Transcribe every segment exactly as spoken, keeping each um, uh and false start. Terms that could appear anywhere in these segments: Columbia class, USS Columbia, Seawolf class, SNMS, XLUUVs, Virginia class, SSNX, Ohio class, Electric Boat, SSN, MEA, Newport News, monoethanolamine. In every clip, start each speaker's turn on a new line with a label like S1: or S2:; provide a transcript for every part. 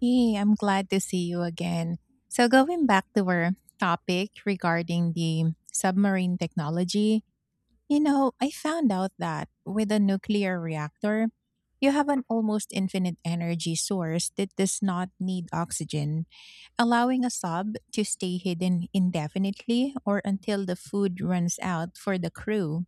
S1: Hey, I'm glad to see you again. So, going back to our topic regarding the submarine technology, you know, I found out that with a nuclear reactor, you have an almost infinite energy source that does not need oxygen, allowing a sub to stay hidden indefinitely or until the food runs out for the crew.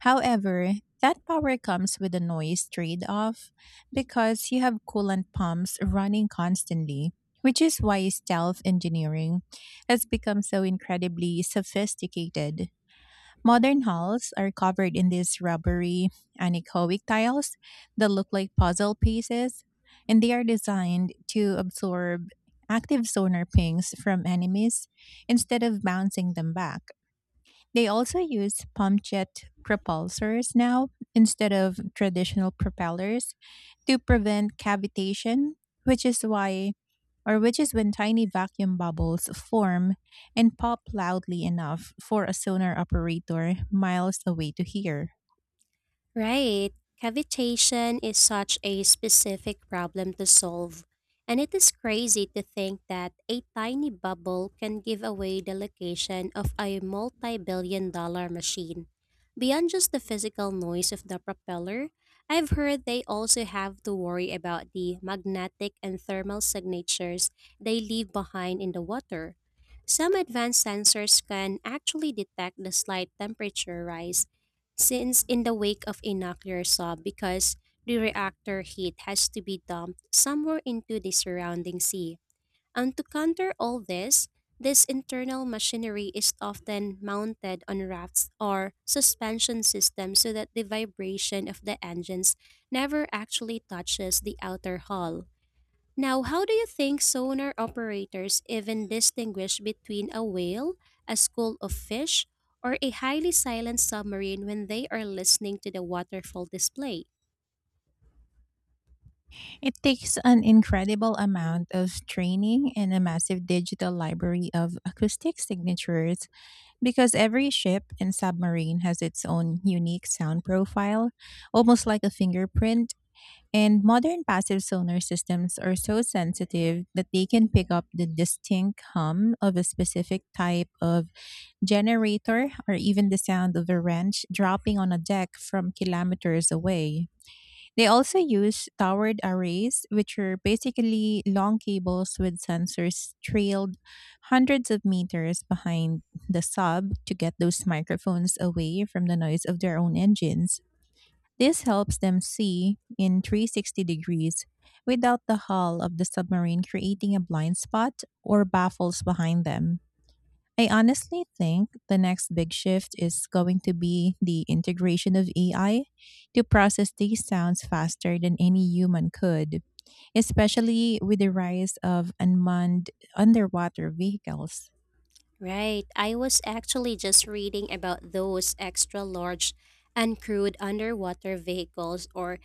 S1: However, that power comes with a noise trade off because you have coolant pumps running constantly, which is why stealth engineering has become so incredibly sophisticated. Modern halls are covered in these rubbery anechoic tiles that look like puzzle pieces, and they are designed to absorb active sonar pings from enemies instead of bouncing them back. They also use pump jet propulsors now instead of traditional propellers to prevent cavitation, which is why or which is when tiny vacuum bubbles form and pop loudly enough for a sonar operator miles away to hear.
S2: Right. Cavitation is such a specific problem to solve, and it is crazy to think that a tiny bubble can give away the location of a multi billion dollar machine. Beyond just the physical noise of the propeller, I've heard they also have to worry about the magnetic and thermal signatures they leave behind in the water. Some advanced sensors can actually detect the slight temperature rise since in the wake of a nuclear sub, because the reactor heat has to be dumped somewhere into the surrounding sea. And to counter all this, this internal machinery is often mounted on rafts or suspension systems so that the vibration of the engines never actually touches the outer hull. Now, how do you think sonar operators even distinguish between a whale, a school of fish, or a highly silent submarine when they are listening to the waterfall display?
S1: It takes an incredible amount of training and a massive digital library of acoustic signatures, because every ship and submarine has its own unique sound profile, almost like a fingerprint, and modern passive sonar systems are so sensitive that they can pick up the distinct hum of a specific type of generator or even the sound of a wrench dropping on a deck from kilometers away. They also use towered arrays, which are basically long cables with sensors trailed hundreds of meters behind the sub to get those microphones away from the noise of their own engines. This helps them see in three hundred sixty degrees without the hull of the submarine creating a blind spot or baffles behind them. I honestly think the next big shift is going to be the integration of A I to process these sounds faster than any human could, especially with the rise of unmanned underwater vehicles.
S2: Right. I was actually just reading about those extra large uncrewed underwater vehicles, or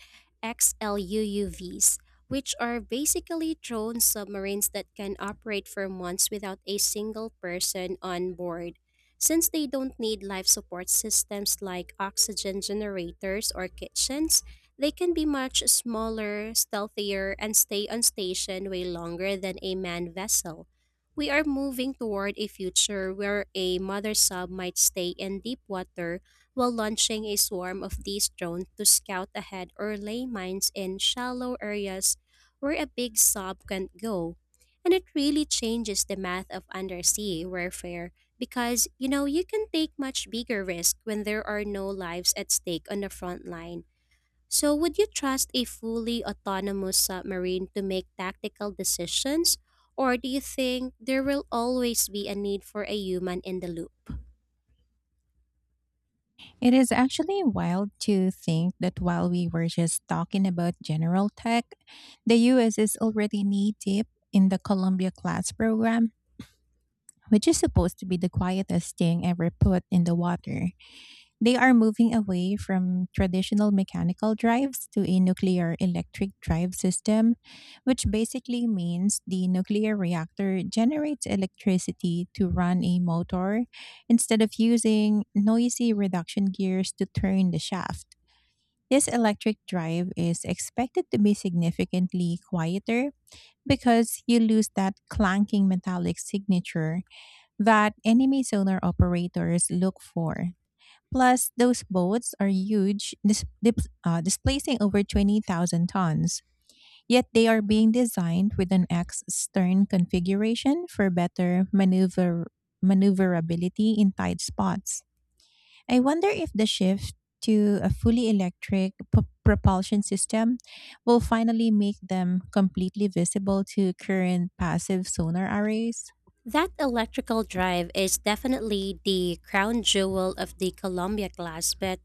S2: X L U U Vs, which are basically drone submarines that can operate for months without a single person on board. Since they don't need life support systems like oxygen generators or kitchens, they can be much smaller, stealthier, and stay on station way longer than a manned vessel. We are moving toward a future where a mother sub might stay in deep water while launching a swarm of these drones to scout ahead or lay mines in shallow areas where a big sub can't go. And it really changes the math of undersea warfare, because you know you can take much bigger risk when there are no lives at stake on the front line. So, would you trust a fully autonomous submarine to make tactical decisions, or do you think there will always be a need for a human in the loop?
S1: It is actually wild to think that while we were just talking about general tech, the U S is already knee deep in the Columbia class program, which is supposed to be the quietest thing ever put in the water. They are moving away from traditional mechanical drives to a nuclear electric drive system, which basically means the nuclear reactor generates electricity to run a motor instead of using noisy reduction gears to turn the shaft. This electric drive is expected to be significantly quieter because you lose that clanking metallic signature that enemy sonar operators look for. Plus, those boats are huge, dis- dip- uh, displacing over twenty thousand tons. Yet they are being designed with an X stern configuration for better maneuver- maneuverability in tight spots. I wonder if the shift to a fully electric p- propulsion system will finally make them completely visible to current passive sonar arrays.
S2: That electrical drive is definitely the crown jewel of the Columbia class, but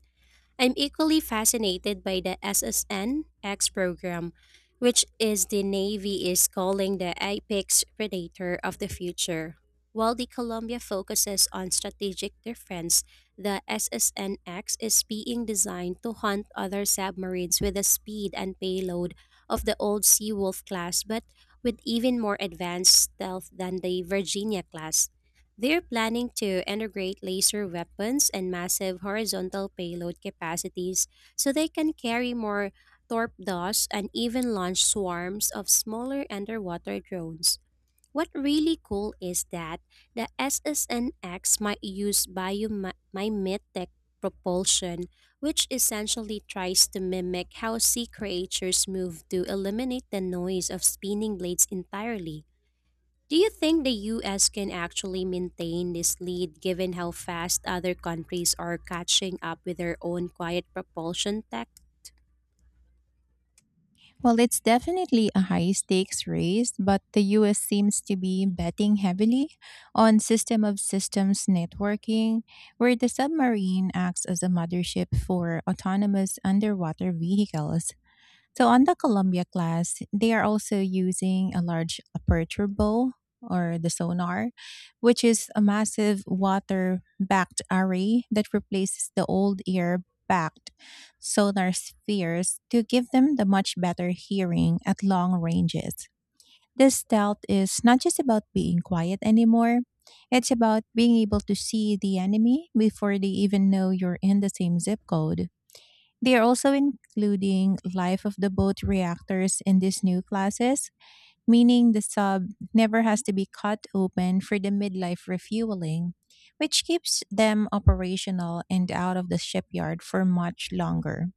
S2: I'm equally fascinated by the S S N X program, which is the Navy is calling the apex predator of the future. While the Columbia focuses on strategic defense, the S S N X is being designed to hunt other submarines with the speed and payload of the old Seawolf class, but with even more advanced stealth than the Virginia class. They're planning to integrate laser weapons and massive horizontal payload capacities, so they can carry more torpedoes and even launch swarms of smaller underwater drones. What really cool is that the S S N X might use biomimetic propulsion, which essentially tries to mimic how sea creatures move to eliminate the noise of spinning blades entirely. Do you think the U S can actually maintain this lead, given how fast other countries are catching up with their own quiet propulsion tech?
S1: Well, it's definitely a high stakes race, but the U S seems to be betting heavily on system of systems networking, where the submarine acts as a mothership for autonomous underwater vehicles. So on the Columbia class, they are also using a large aperture bow or the sonar, which is a massive water backed array that replaces the old air backed sonar spheres to give them the much better hearing at long ranges. This stealth is not just about being quiet anymore. It's about being able to see the enemy before they even know you're in the same zip code. They are also including life of the boat reactors in these new classes, meaning the sub never has to be cut open for the midlife refueling, which keeps them operational and out of the shipyard for much longer.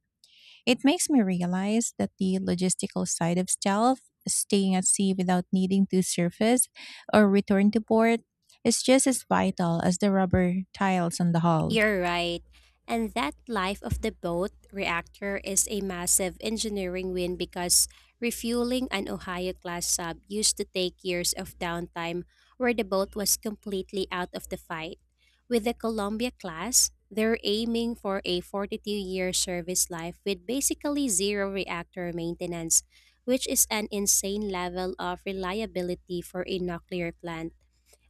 S1: It makes me realize that the logistical side of stealth, staying at sea without needing to surface or return to port, is just as vital as the rubber tiles on the hull.
S2: You're right. And that life of the boat reactor is a massive engineering win, because refueling an Ohio class sub used to take years of downtime where the boat was completely out of the fight. With the Columbia class, they're aiming for a forty-two year service life with basically zero reactor maintenance, which is an insane level of reliability for a nuclear plant.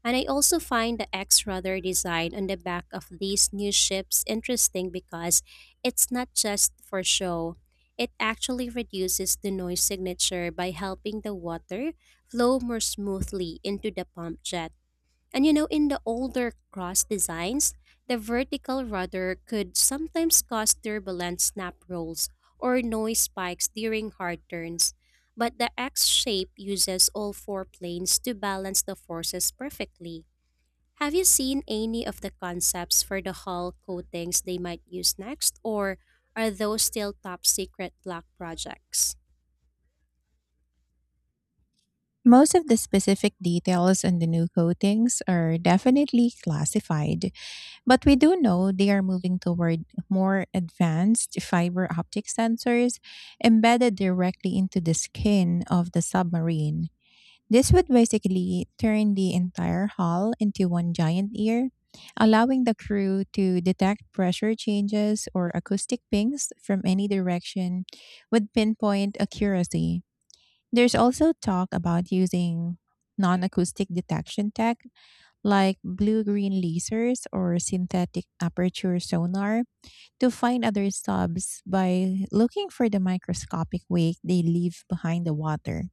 S2: And I also find the X rudder design on the back of these new ships interesting, because it's not just for show. It actually reduces the noise signature by helping the water flow more smoothly into the pump jet. And you know, in the older cross designs, the vertical rudder could sometimes cause turbulent snap rolls or noise spikes during hard turns. But the X shape uses all four planes to balance the forces perfectly. Have you seen any of the concepts for the hull coatings they might use next, or are those still top secret black projects?
S1: Most of the specific details on the new coatings are definitely classified, but we do know they are moving toward more advanced fiber optic sensors embedded directly into the skin of the submarine. This would basically turn the entire hull into one giant ear, allowing the crew to detect pressure changes or acoustic pings from any direction with pinpoint accuracy. There's also talk about using non acoustic detection tech like blue green lasers or synthetic aperture sonar to find other subs by looking for the microscopic wake they leave behind the water.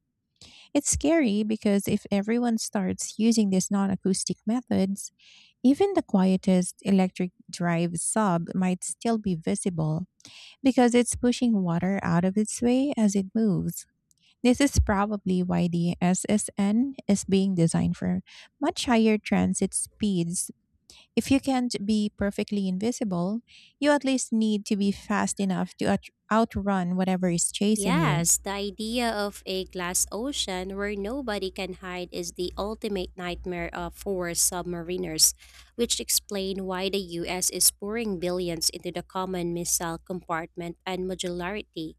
S1: It's scary because if everyone starts using these non acoustic methods, even the quietest electric drive sub might still be visible because it's pushing water out of its way as it moves. This is probably why the S S N is being designed for much higher transit speeds. If you can't be perfectly invisible, you at least need to be fast enough to out- outrun whatever is chasing you.
S2: Yes, the idea of a glass ocean where nobody can hide is the ultimate nightmare of for submariners, which explain why the U S is pouring billions into the common missile compartment and modularity.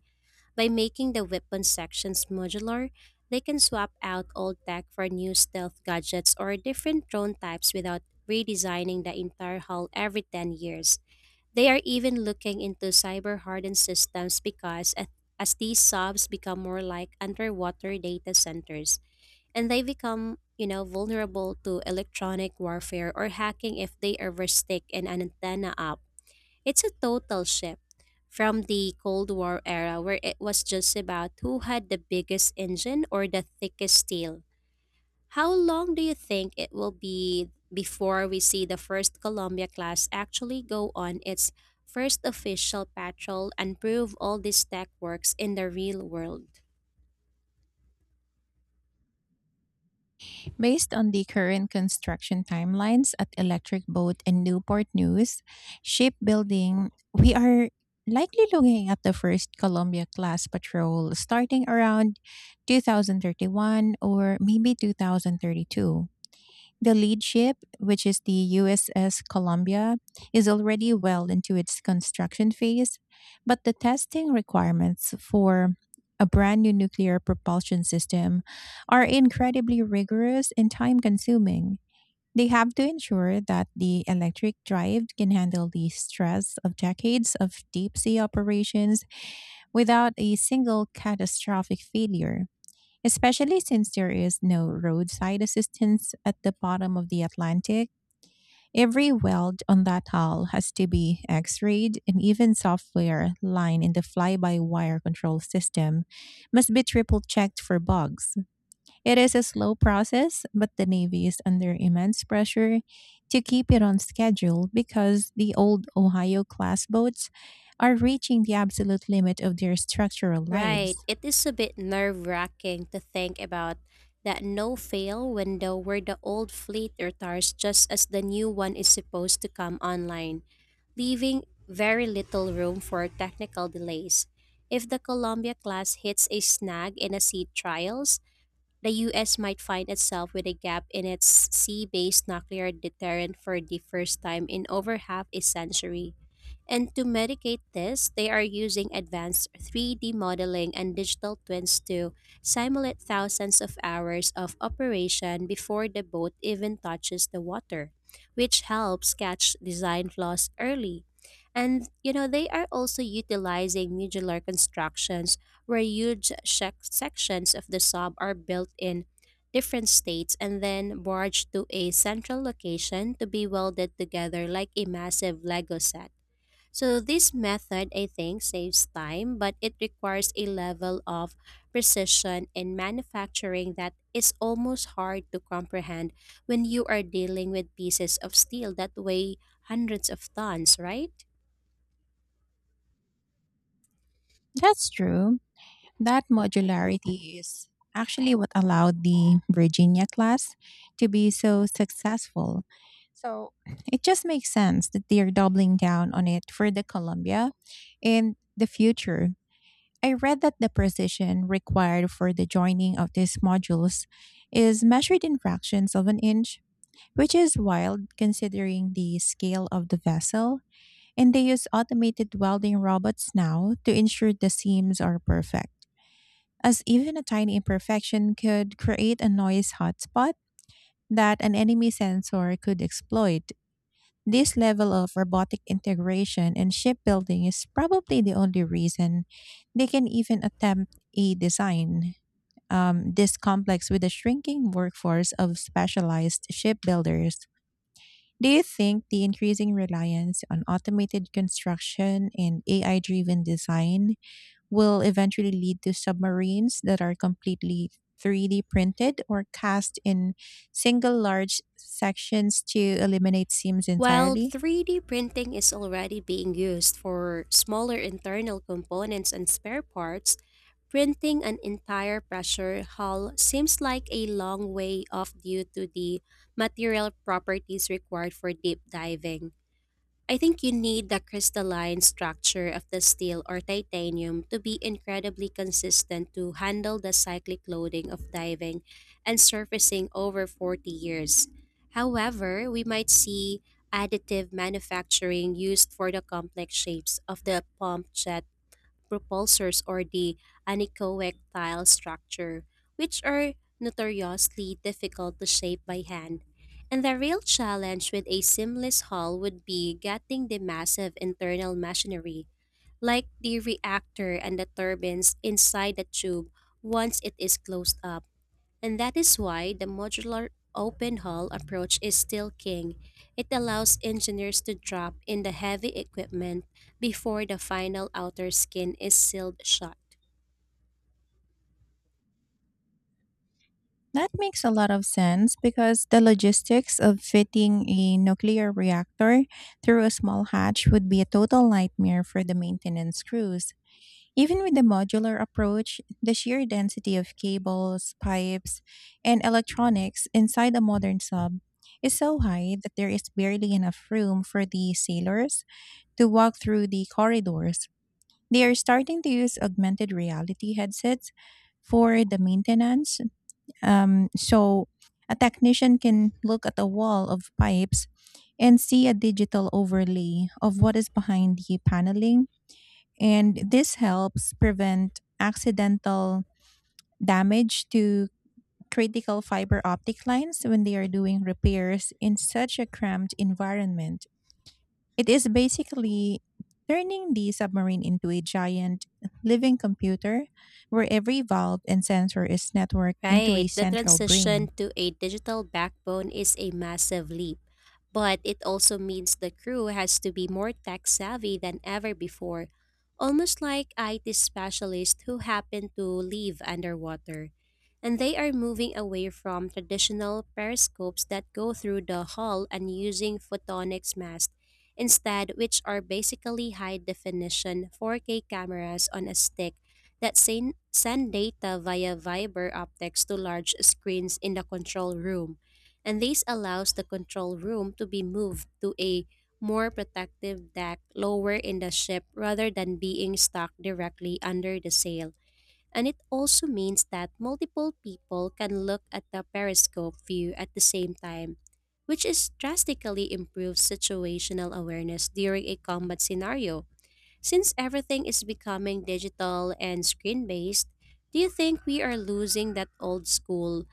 S2: By making the weapon sections modular, they can swap out old tech for new stealth gadgets or different drone types without redesigning the entire hull every ten years. They are even looking into cyber hardened systems, because a- as these subs become more like underwater data centers, and they become, you know, vulnerable to electronic warfare or hacking if they ever stick an antenna up. It's a total shift from the Cold War era where it was just about who had the biggest engine or the thickest steel. How long do you think it will be before we see the first Columbia class actually go on its first official patrol and prove all this tech works in the real world?
S1: Based on the current construction timelines at Electric Boat and Newport News shipbuilding, we are likely looking at the first Columbia class patrol starting around two thousand thirty-one or maybe two thousand thirty-two. The lead ship, which is the U S S Columbia, is already well into its construction phase, but the testing requirements for a brand new nuclear propulsion system are incredibly rigorous and time consuming. They have to ensure that the electric drive can handle the stress of decades of deep sea operations without a single catastrophic failure, especially since there is no roadside assistance at the bottom of the Atlantic. Every weld on that hull has to be x rayed, and even software line in the fly by wire control system must be triple checked for bugs. It is a slow process, but the Navy is under immense pressure to keep it on schedule because the old Ohio class boats are reaching the absolute limit of their structural lives.
S2: Right, it is a bit nerve wracking to think about that no fail window where the old fleet retires just as the new one is supposed to come online, leaving very little room for technical delays. If the Columbia class hits a snag in a sea trials, the U S might find itself with a gap in its sea based nuclear deterrent for the first time in over half a century. And to mitigate this, they are using advanced three D modeling and digital twins to simulate thousands of hours of operation before the boat even touches the water, which helps catch design flaws early. And you know, they are also utilizing modular constructions where huge shec- sections of the sub are built in different states and then barged to a central location to be welded together like a massive Lego set. So this method, I think, saves time, but it requires a level of precision in manufacturing that is almost hard to comprehend when you are dealing with pieces of steel that weigh hundreds of tons, right?
S1: That's true. That modularity is actually what allowed the Virginia class to be so successful. So it just makes sense that they're doubling down on it for the Columbia in the future. I read that the precision required for the joining of these modules is measured in fractions of an inch, which is wild considering the scale of the vessel. And they use automated welding robots now to ensure the seams are perfect, as even a tiny imperfection could create a noise hotspot that an enemy sensor could exploit. This level of robotic integration in shipbuilding is probably the only reason they can even attempt a design um, this complex with a shrinking workforce of specialized shipbuilders. Do you think the increasing reliance on automated construction and A I driven design will eventually lead to submarines that are completely three D printed or cast in single large sections to eliminate seams
S2: While
S1: entirely?
S2: three D printing is already being used for smaller internal components and spare parts, printing an entire pressure hull seems like a long way off due to the material properties required for deep diving. I think you need the crystalline structure of the steel or titanium to be incredibly consistent to handle the cyclic loading of diving and surfacing over forty years. However, we might see additive manufacturing used for the complex shapes of the pump jet propulsors or the anechoic-tile structure, which are notoriously difficult to shape by hand. And the real challenge with a seamless hull would be getting the massive internal machinery, like the reactor and the turbines, inside the tube once it is closed up. And that is why the modular open hull approach is still king. It allows engineers to drop in the heavy equipment before the final outer skin is sealed shut.
S1: That makes a lot of sense because the logistics of fitting a nuclear reactor through a small hatch would be a total nightmare for the maintenance crews. Even with the modular approach, the sheer density of cables, pipes, and electronics inside a modern sub is so high that there is barely enough room for the sailors to walk through the corridors. They are starting to use augmented reality headsets for the maintenance. Um, so a technician can look at a wall of pipes and see a digital overlay of what is behind the paneling, and this helps prevent accidental damage to critical fiber optic lines when they are doing repairs in such a cramped environment. It is basically turning the submarine into a giant living computer where every valve and sensor is networked into
S2: Right.
S1: a
S2: The
S1: central brain.
S2: transition to a digital backbone is a massive leap, but it also means the crew has to be more tech savvy than ever before, almost like I T specialists who happen to live underwater. And they are moving away from traditional periscopes that go through the hull and using photonics masks instead, which are basically high definition four K cameras on a stick that sen- send data via fiber optics to large screens in the control room, and this allows the control room to be moved to a more protective deck lower in the ship rather than being stuck directly under the sail. And it also means that multiple people can look at the periscope view at the same time, which is drastically improves situational awareness during a combat scenario. Since everything is becoming digital and screen based, do you think we are losing that old school,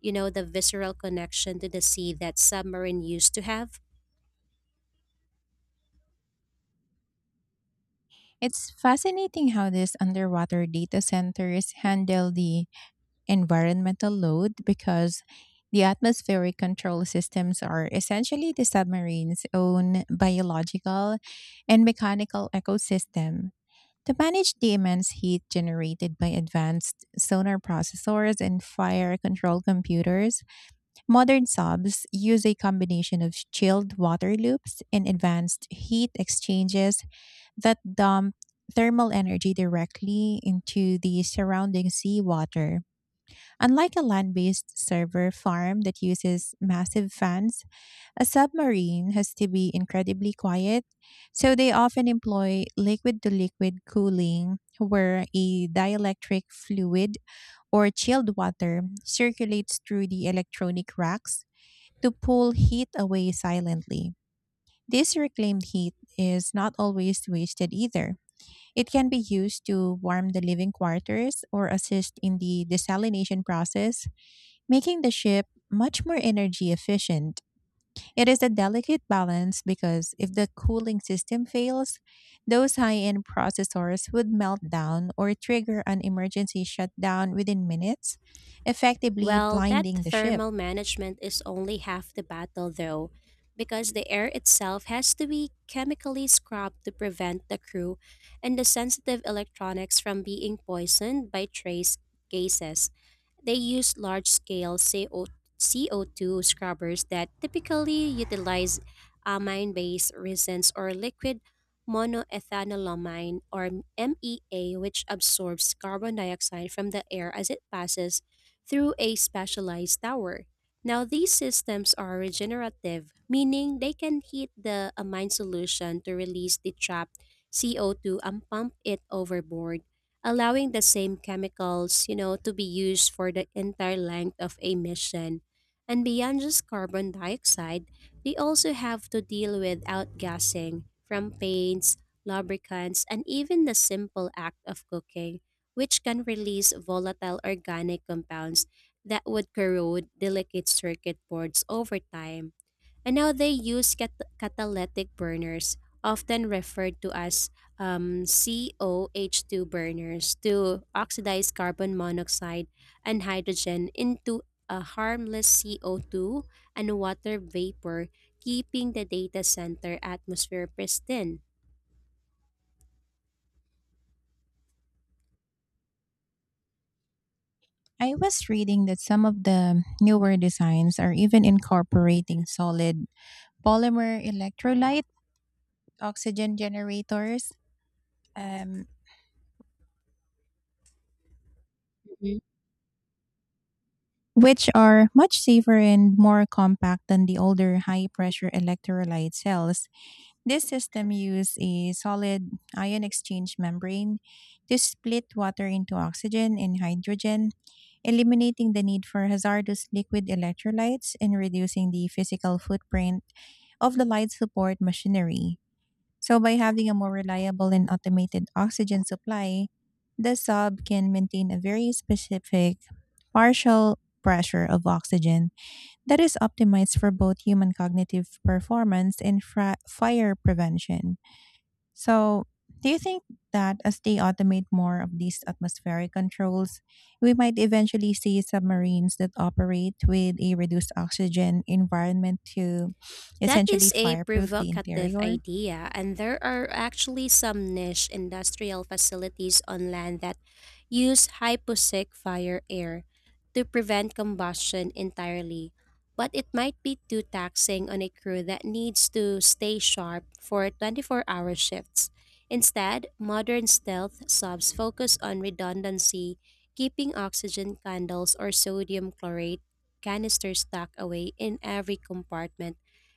S2: you know, the visceral connection to the sea that submarine used to have?
S1: It's fascinating how these underwater data centers handle the environmental load because the atmospheric control systems are essentially the submarine's own biological and mechanical ecosystem. To manage the immense heat generated by advanced sonar processors and fire control computers, modern subs use a combination of chilled water loops and advanced heat exchanges that dump thermal energy directly into the surrounding seawater. Unlike a land based server farm that uses massive fans, a submarine has to be incredibly quiet, so they often employ liquid to liquid cooling, where a dielectric fluid or chilled water circulates through the electronic racks to pull heat away silently. This reclaimed heat is not always wasted either. It can be used to warm the living quarters or assist in the desalination process, making the ship much more energy efficient. It is a delicate balance because if the cooling system fails, those high end processors would melt down or trigger an emergency shutdown within minutes, effectively
S2: Well, that
S1: blinding the ship.
S2: thermal management is only half the battle, though, because the air itself has to be chemically scrubbed to prevent the crew and the sensitive electronics from being poisoned by trace gases. They use large scale C O- C O two scrubbers that typically utilize amine based resins or liquid monoethanolamine, or M E A, which absorbs carbon dioxide from the air as it passes through a specialized tower. Now, these systems are regenerative, meaning they can heat the amine solution to release the trapped C O two and pump it overboard, allowing the same chemicals, you know, to be used for the entire length of a mission. And beyond just carbon dioxide, they also have to deal with outgassing from paints, lubricants, and even the simple act of cooking, which can release volatile organic compounds that would corrode delicate circuit boards over time. And now they use cat- catalytic burners, often referred to as um, C O H two burners, to oxidize carbon monoxide and hydrogen into a harmless C O two and water vapor, keeping the data center atmosphere pristine.
S1: I was reading that some of the newer designs are even incorporating solid polymer electrolyte oxygen generators, Um, which are much safer and more compact than the older high pressure electrolyte cells. This system uses a solid ion exchange membrane to split water into oxygen and hydrogen, eliminating the need for hazardous liquid electrolytes and reducing the physical footprint of the light support machinery. So, by having a more reliable and automated oxygen supply, the sub can maintain a very specific partial pressure of oxygen that is optimized for both human cognitive performance and fra- fire prevention. So, do you think that as they automate more of these atmospheric controls, we might eventually see submarines that operate with a reduced oxygen environment to
S2: That
S1: essentially
S2: is a
S1: fireproof the
S2: provocative
S1: interior?
S2: idea, and there are actually some niche industrial facilities on land that use hyposic fire air to prevent combustion entirely. But it might be too taxing on a crew that needs to stay sharp for twenty-four hour shifts. Instead, modern stealth subs focus on redundancy, keeping oxygen candles or sodium chlorate canisters tucked away in every compartment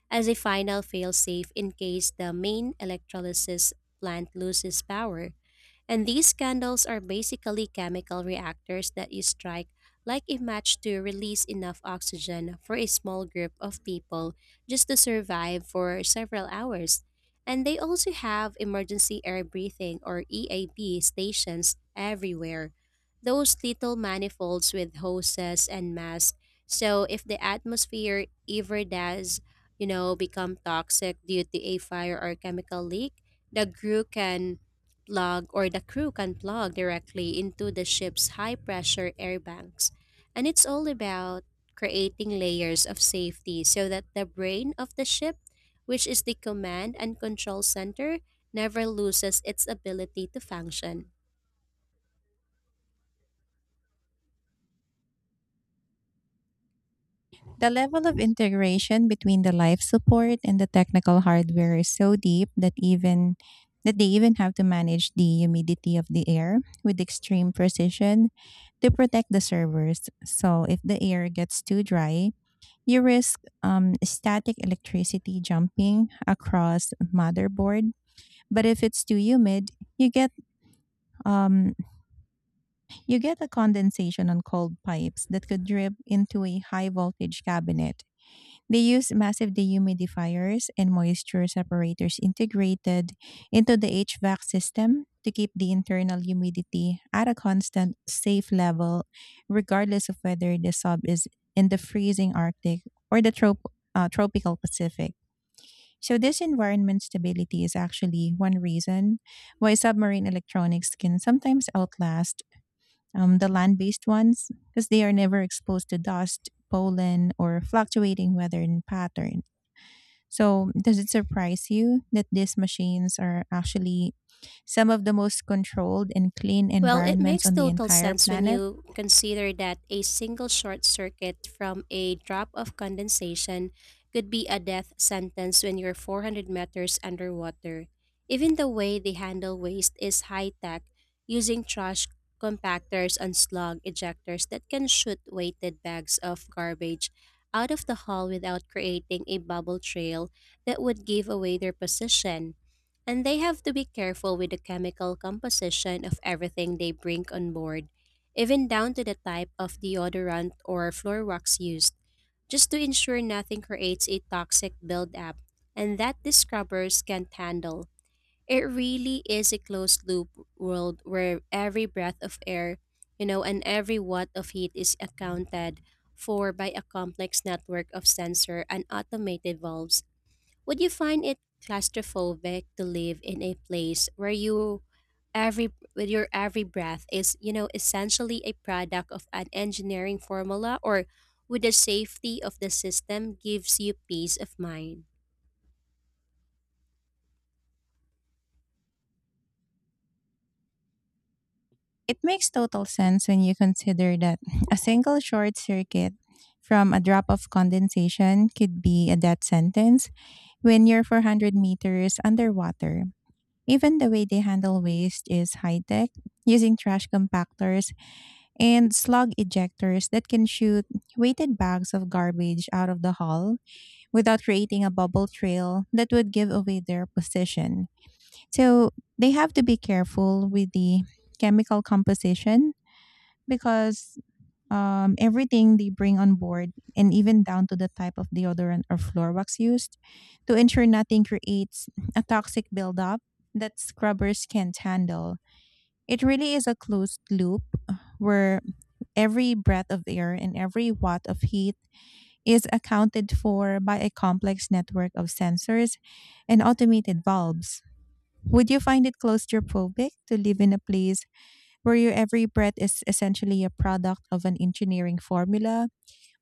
S2: as a final failsafe in case the main electrolysis plant loses power. And these candles are basically chemical reactors that you strike like a match to release enough oxygen for a small group of people just to survive for several hours. And they also have emergency air breathing, or E A B, stations everywhere. Those little manifolds with hoses and masks. So if the atmosphere ever does, you know, become toxic due to a fire or chemical leak, the crew can plug or the crew can plug directly into the ship's high pressure air banks. And it's all about creating layers of safety so that the brain of the ship, which is the command and control center, never loses its ability to function.
S1: The level of integration between the life support and the technical hardware is so deep that even that they even have to manage the humidity of the air with extreme precision to protect the servers. So if the air gets too dry, you risk um, static electricity jumping across motherboard. But if it's too humid, you get um, you get a condensation on cold pipes that could drip into a high voltage cabinet. They use massive dehumidifiers and moisture separators integrated into the H V A C system to keep the internal humidity at a constant, safe level, regardless of whether the sub is in the freezing Arctic or the trop- uh, tropical Pacific. So, this environment stability is actually one reason why submarine electronics can sometimes outlast um, the land based ones because they are never exposed to dust, pollen, or fluctuating weather patterns. So, does it surprise you that these machines are actually some of the most controlled and clean
S2: Well, it
S1: environments
S2: makes
S1: on the
S2: total
S1: entire
S2: sense when
S1: planet?
S2: you consider that a single short circuit from a drop of condensation could be a death sentence when you're four hundred meters underwater. Even the way they handle waste is high tech, using trash compactors and slug ejectors that can shoot weighted bags of garbage out of the hull without creating a bubble trail that would give away their position. And they have to be careful with the chemical composition of everything they bring on board, even down to the type of deodorant or floor wax used, just to ensure nothing creates a toxic buildup and that the scrubbers can't handle. It really is a closed loop world where every breath of air, you know, and every watt of heat is accounted for by a complex network of sensor and automated valves. Would you find it claustrophobic to live in a place where you every with your every breath is, you know, essentially a product of an engineering formula? Or would the safety of the system gives you peace of mind?
S1: It makes total sense when you consider that a single short circuit from a drop of condensation could be a death sentence when you're four hundred meters underwater. Even the way they handle waste is high tech, using trash compactors and slug ejectors that can shoot weighted bags of garbage out of the hull without creating a bubble trail that would give away their position. So they have to be careful with the chemical composition because, um, everything they bring on board, and even down to the type of deodorant or floor wax used, to ensure nothing creates a toxic buildup that scrubbers can't handle. It really is a closed loop where every breath of air and every watt of heat is accounted for by a complex network of sensors and automated valves. Would you find it claustrophobic to live in a place where your every breath is essentially a product of an engineering formula?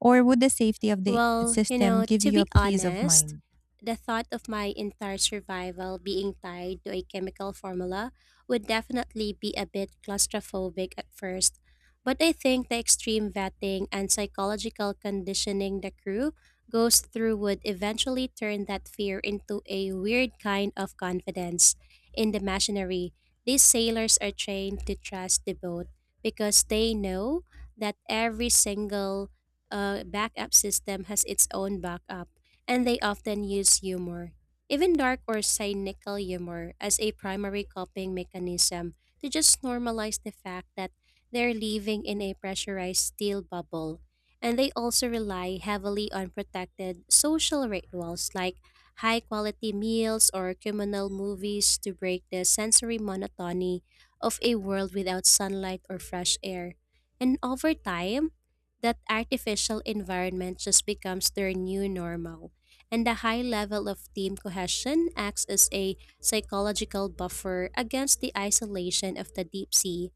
S1: Or would the safety of the
S2: Well, you
S1: system
S2: know,
S1: give
S2: to
S1: you a
S2: be
S1: peace of
S2: honest,
S1: mind?
S2: the thought of my entire survival being tied to a chemical formula would definitely be a bit claustrophobic at first. But I think the extreme vetting and psychological conditioning the crew goes through would eventually turn that fear into a weird kind of confidence. In the machinery, these sailors are trained to trust the boat because they know that every single uh, backup system has its own backup, and they often use humor, even dark or cynical humor, as a primary coping mechanism to just normalize the fact that they're living in a pressurized steel bubble. And they also rely heavily on protected social rituals like high quality meals or communal movies to break the sensory monotony of a world without sunlight or fresh air. And over time, that artificial environment just becomes their new normal. And the high level of team cohesion acts as a psychological buffer against the isolation of the deep sea.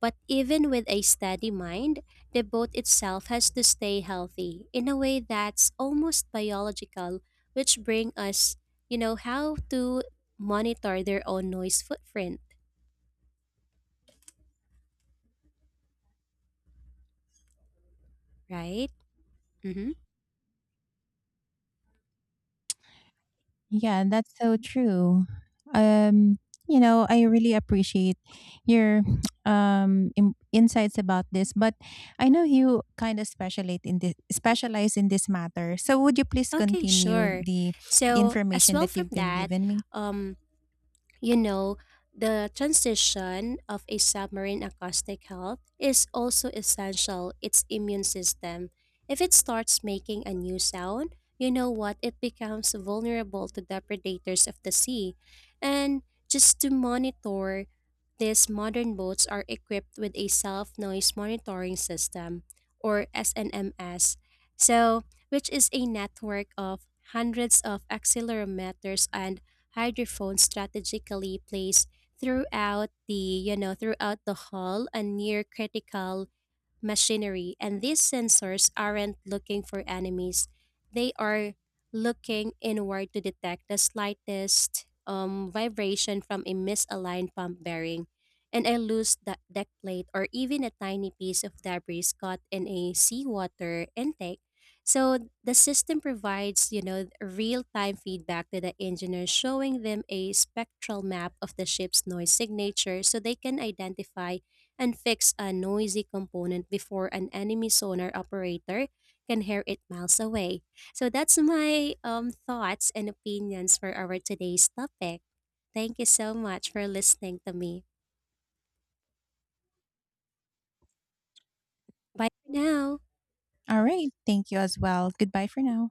S2: But even with a steady mind, the boat itself has to stay healthy in a way that's almost biological, which bring us, you know, how to monitor their own noise footprint, right? Mm-hmm.
S1: Yeah, that's so true. Um, you know, I really appreciate your um in- insights about this, but I know you kind of specialize in this specialize in this matter. So would you please
S2: Okay,
S1: continue
S2: sure.
S1: the
S2: So as
S1: information
S2: well
S1: that
S2: from
S1: you've been
S2: that,
S1: given me?
S2: um, you know, the transition of a submarine acoustic health is also essential its immune system. If it starts making a new sound, you know what, it becomes vulnerable to the predators of the sea. And just to monitor, these modern boats are equipped with a self noise monitoring system, or S N M S. So, which is a network of hundreds of accelerometers and hydrophone strategically placed throughout the you know throughout the hull and near critical machinery, and these sensors aren't looking for enemies. They are looking inward to detect the slightest um, vibration from a misaligned pump bearing, and a loose de- deck plate, or even a tiny piece of debris caught in a seawater intake. So the system provides, you know, real-time feedback to the engineer, showing them a spectral map of the ship's noise signature so they can identify and fix a noisy component before an enemy sonar operator can hear it miles away. So that's my um, thoughts and opinions for our today's topic. Thank you so much for listening to me. Bye for now.
S1: All right, thank you as well. Goodbye for now.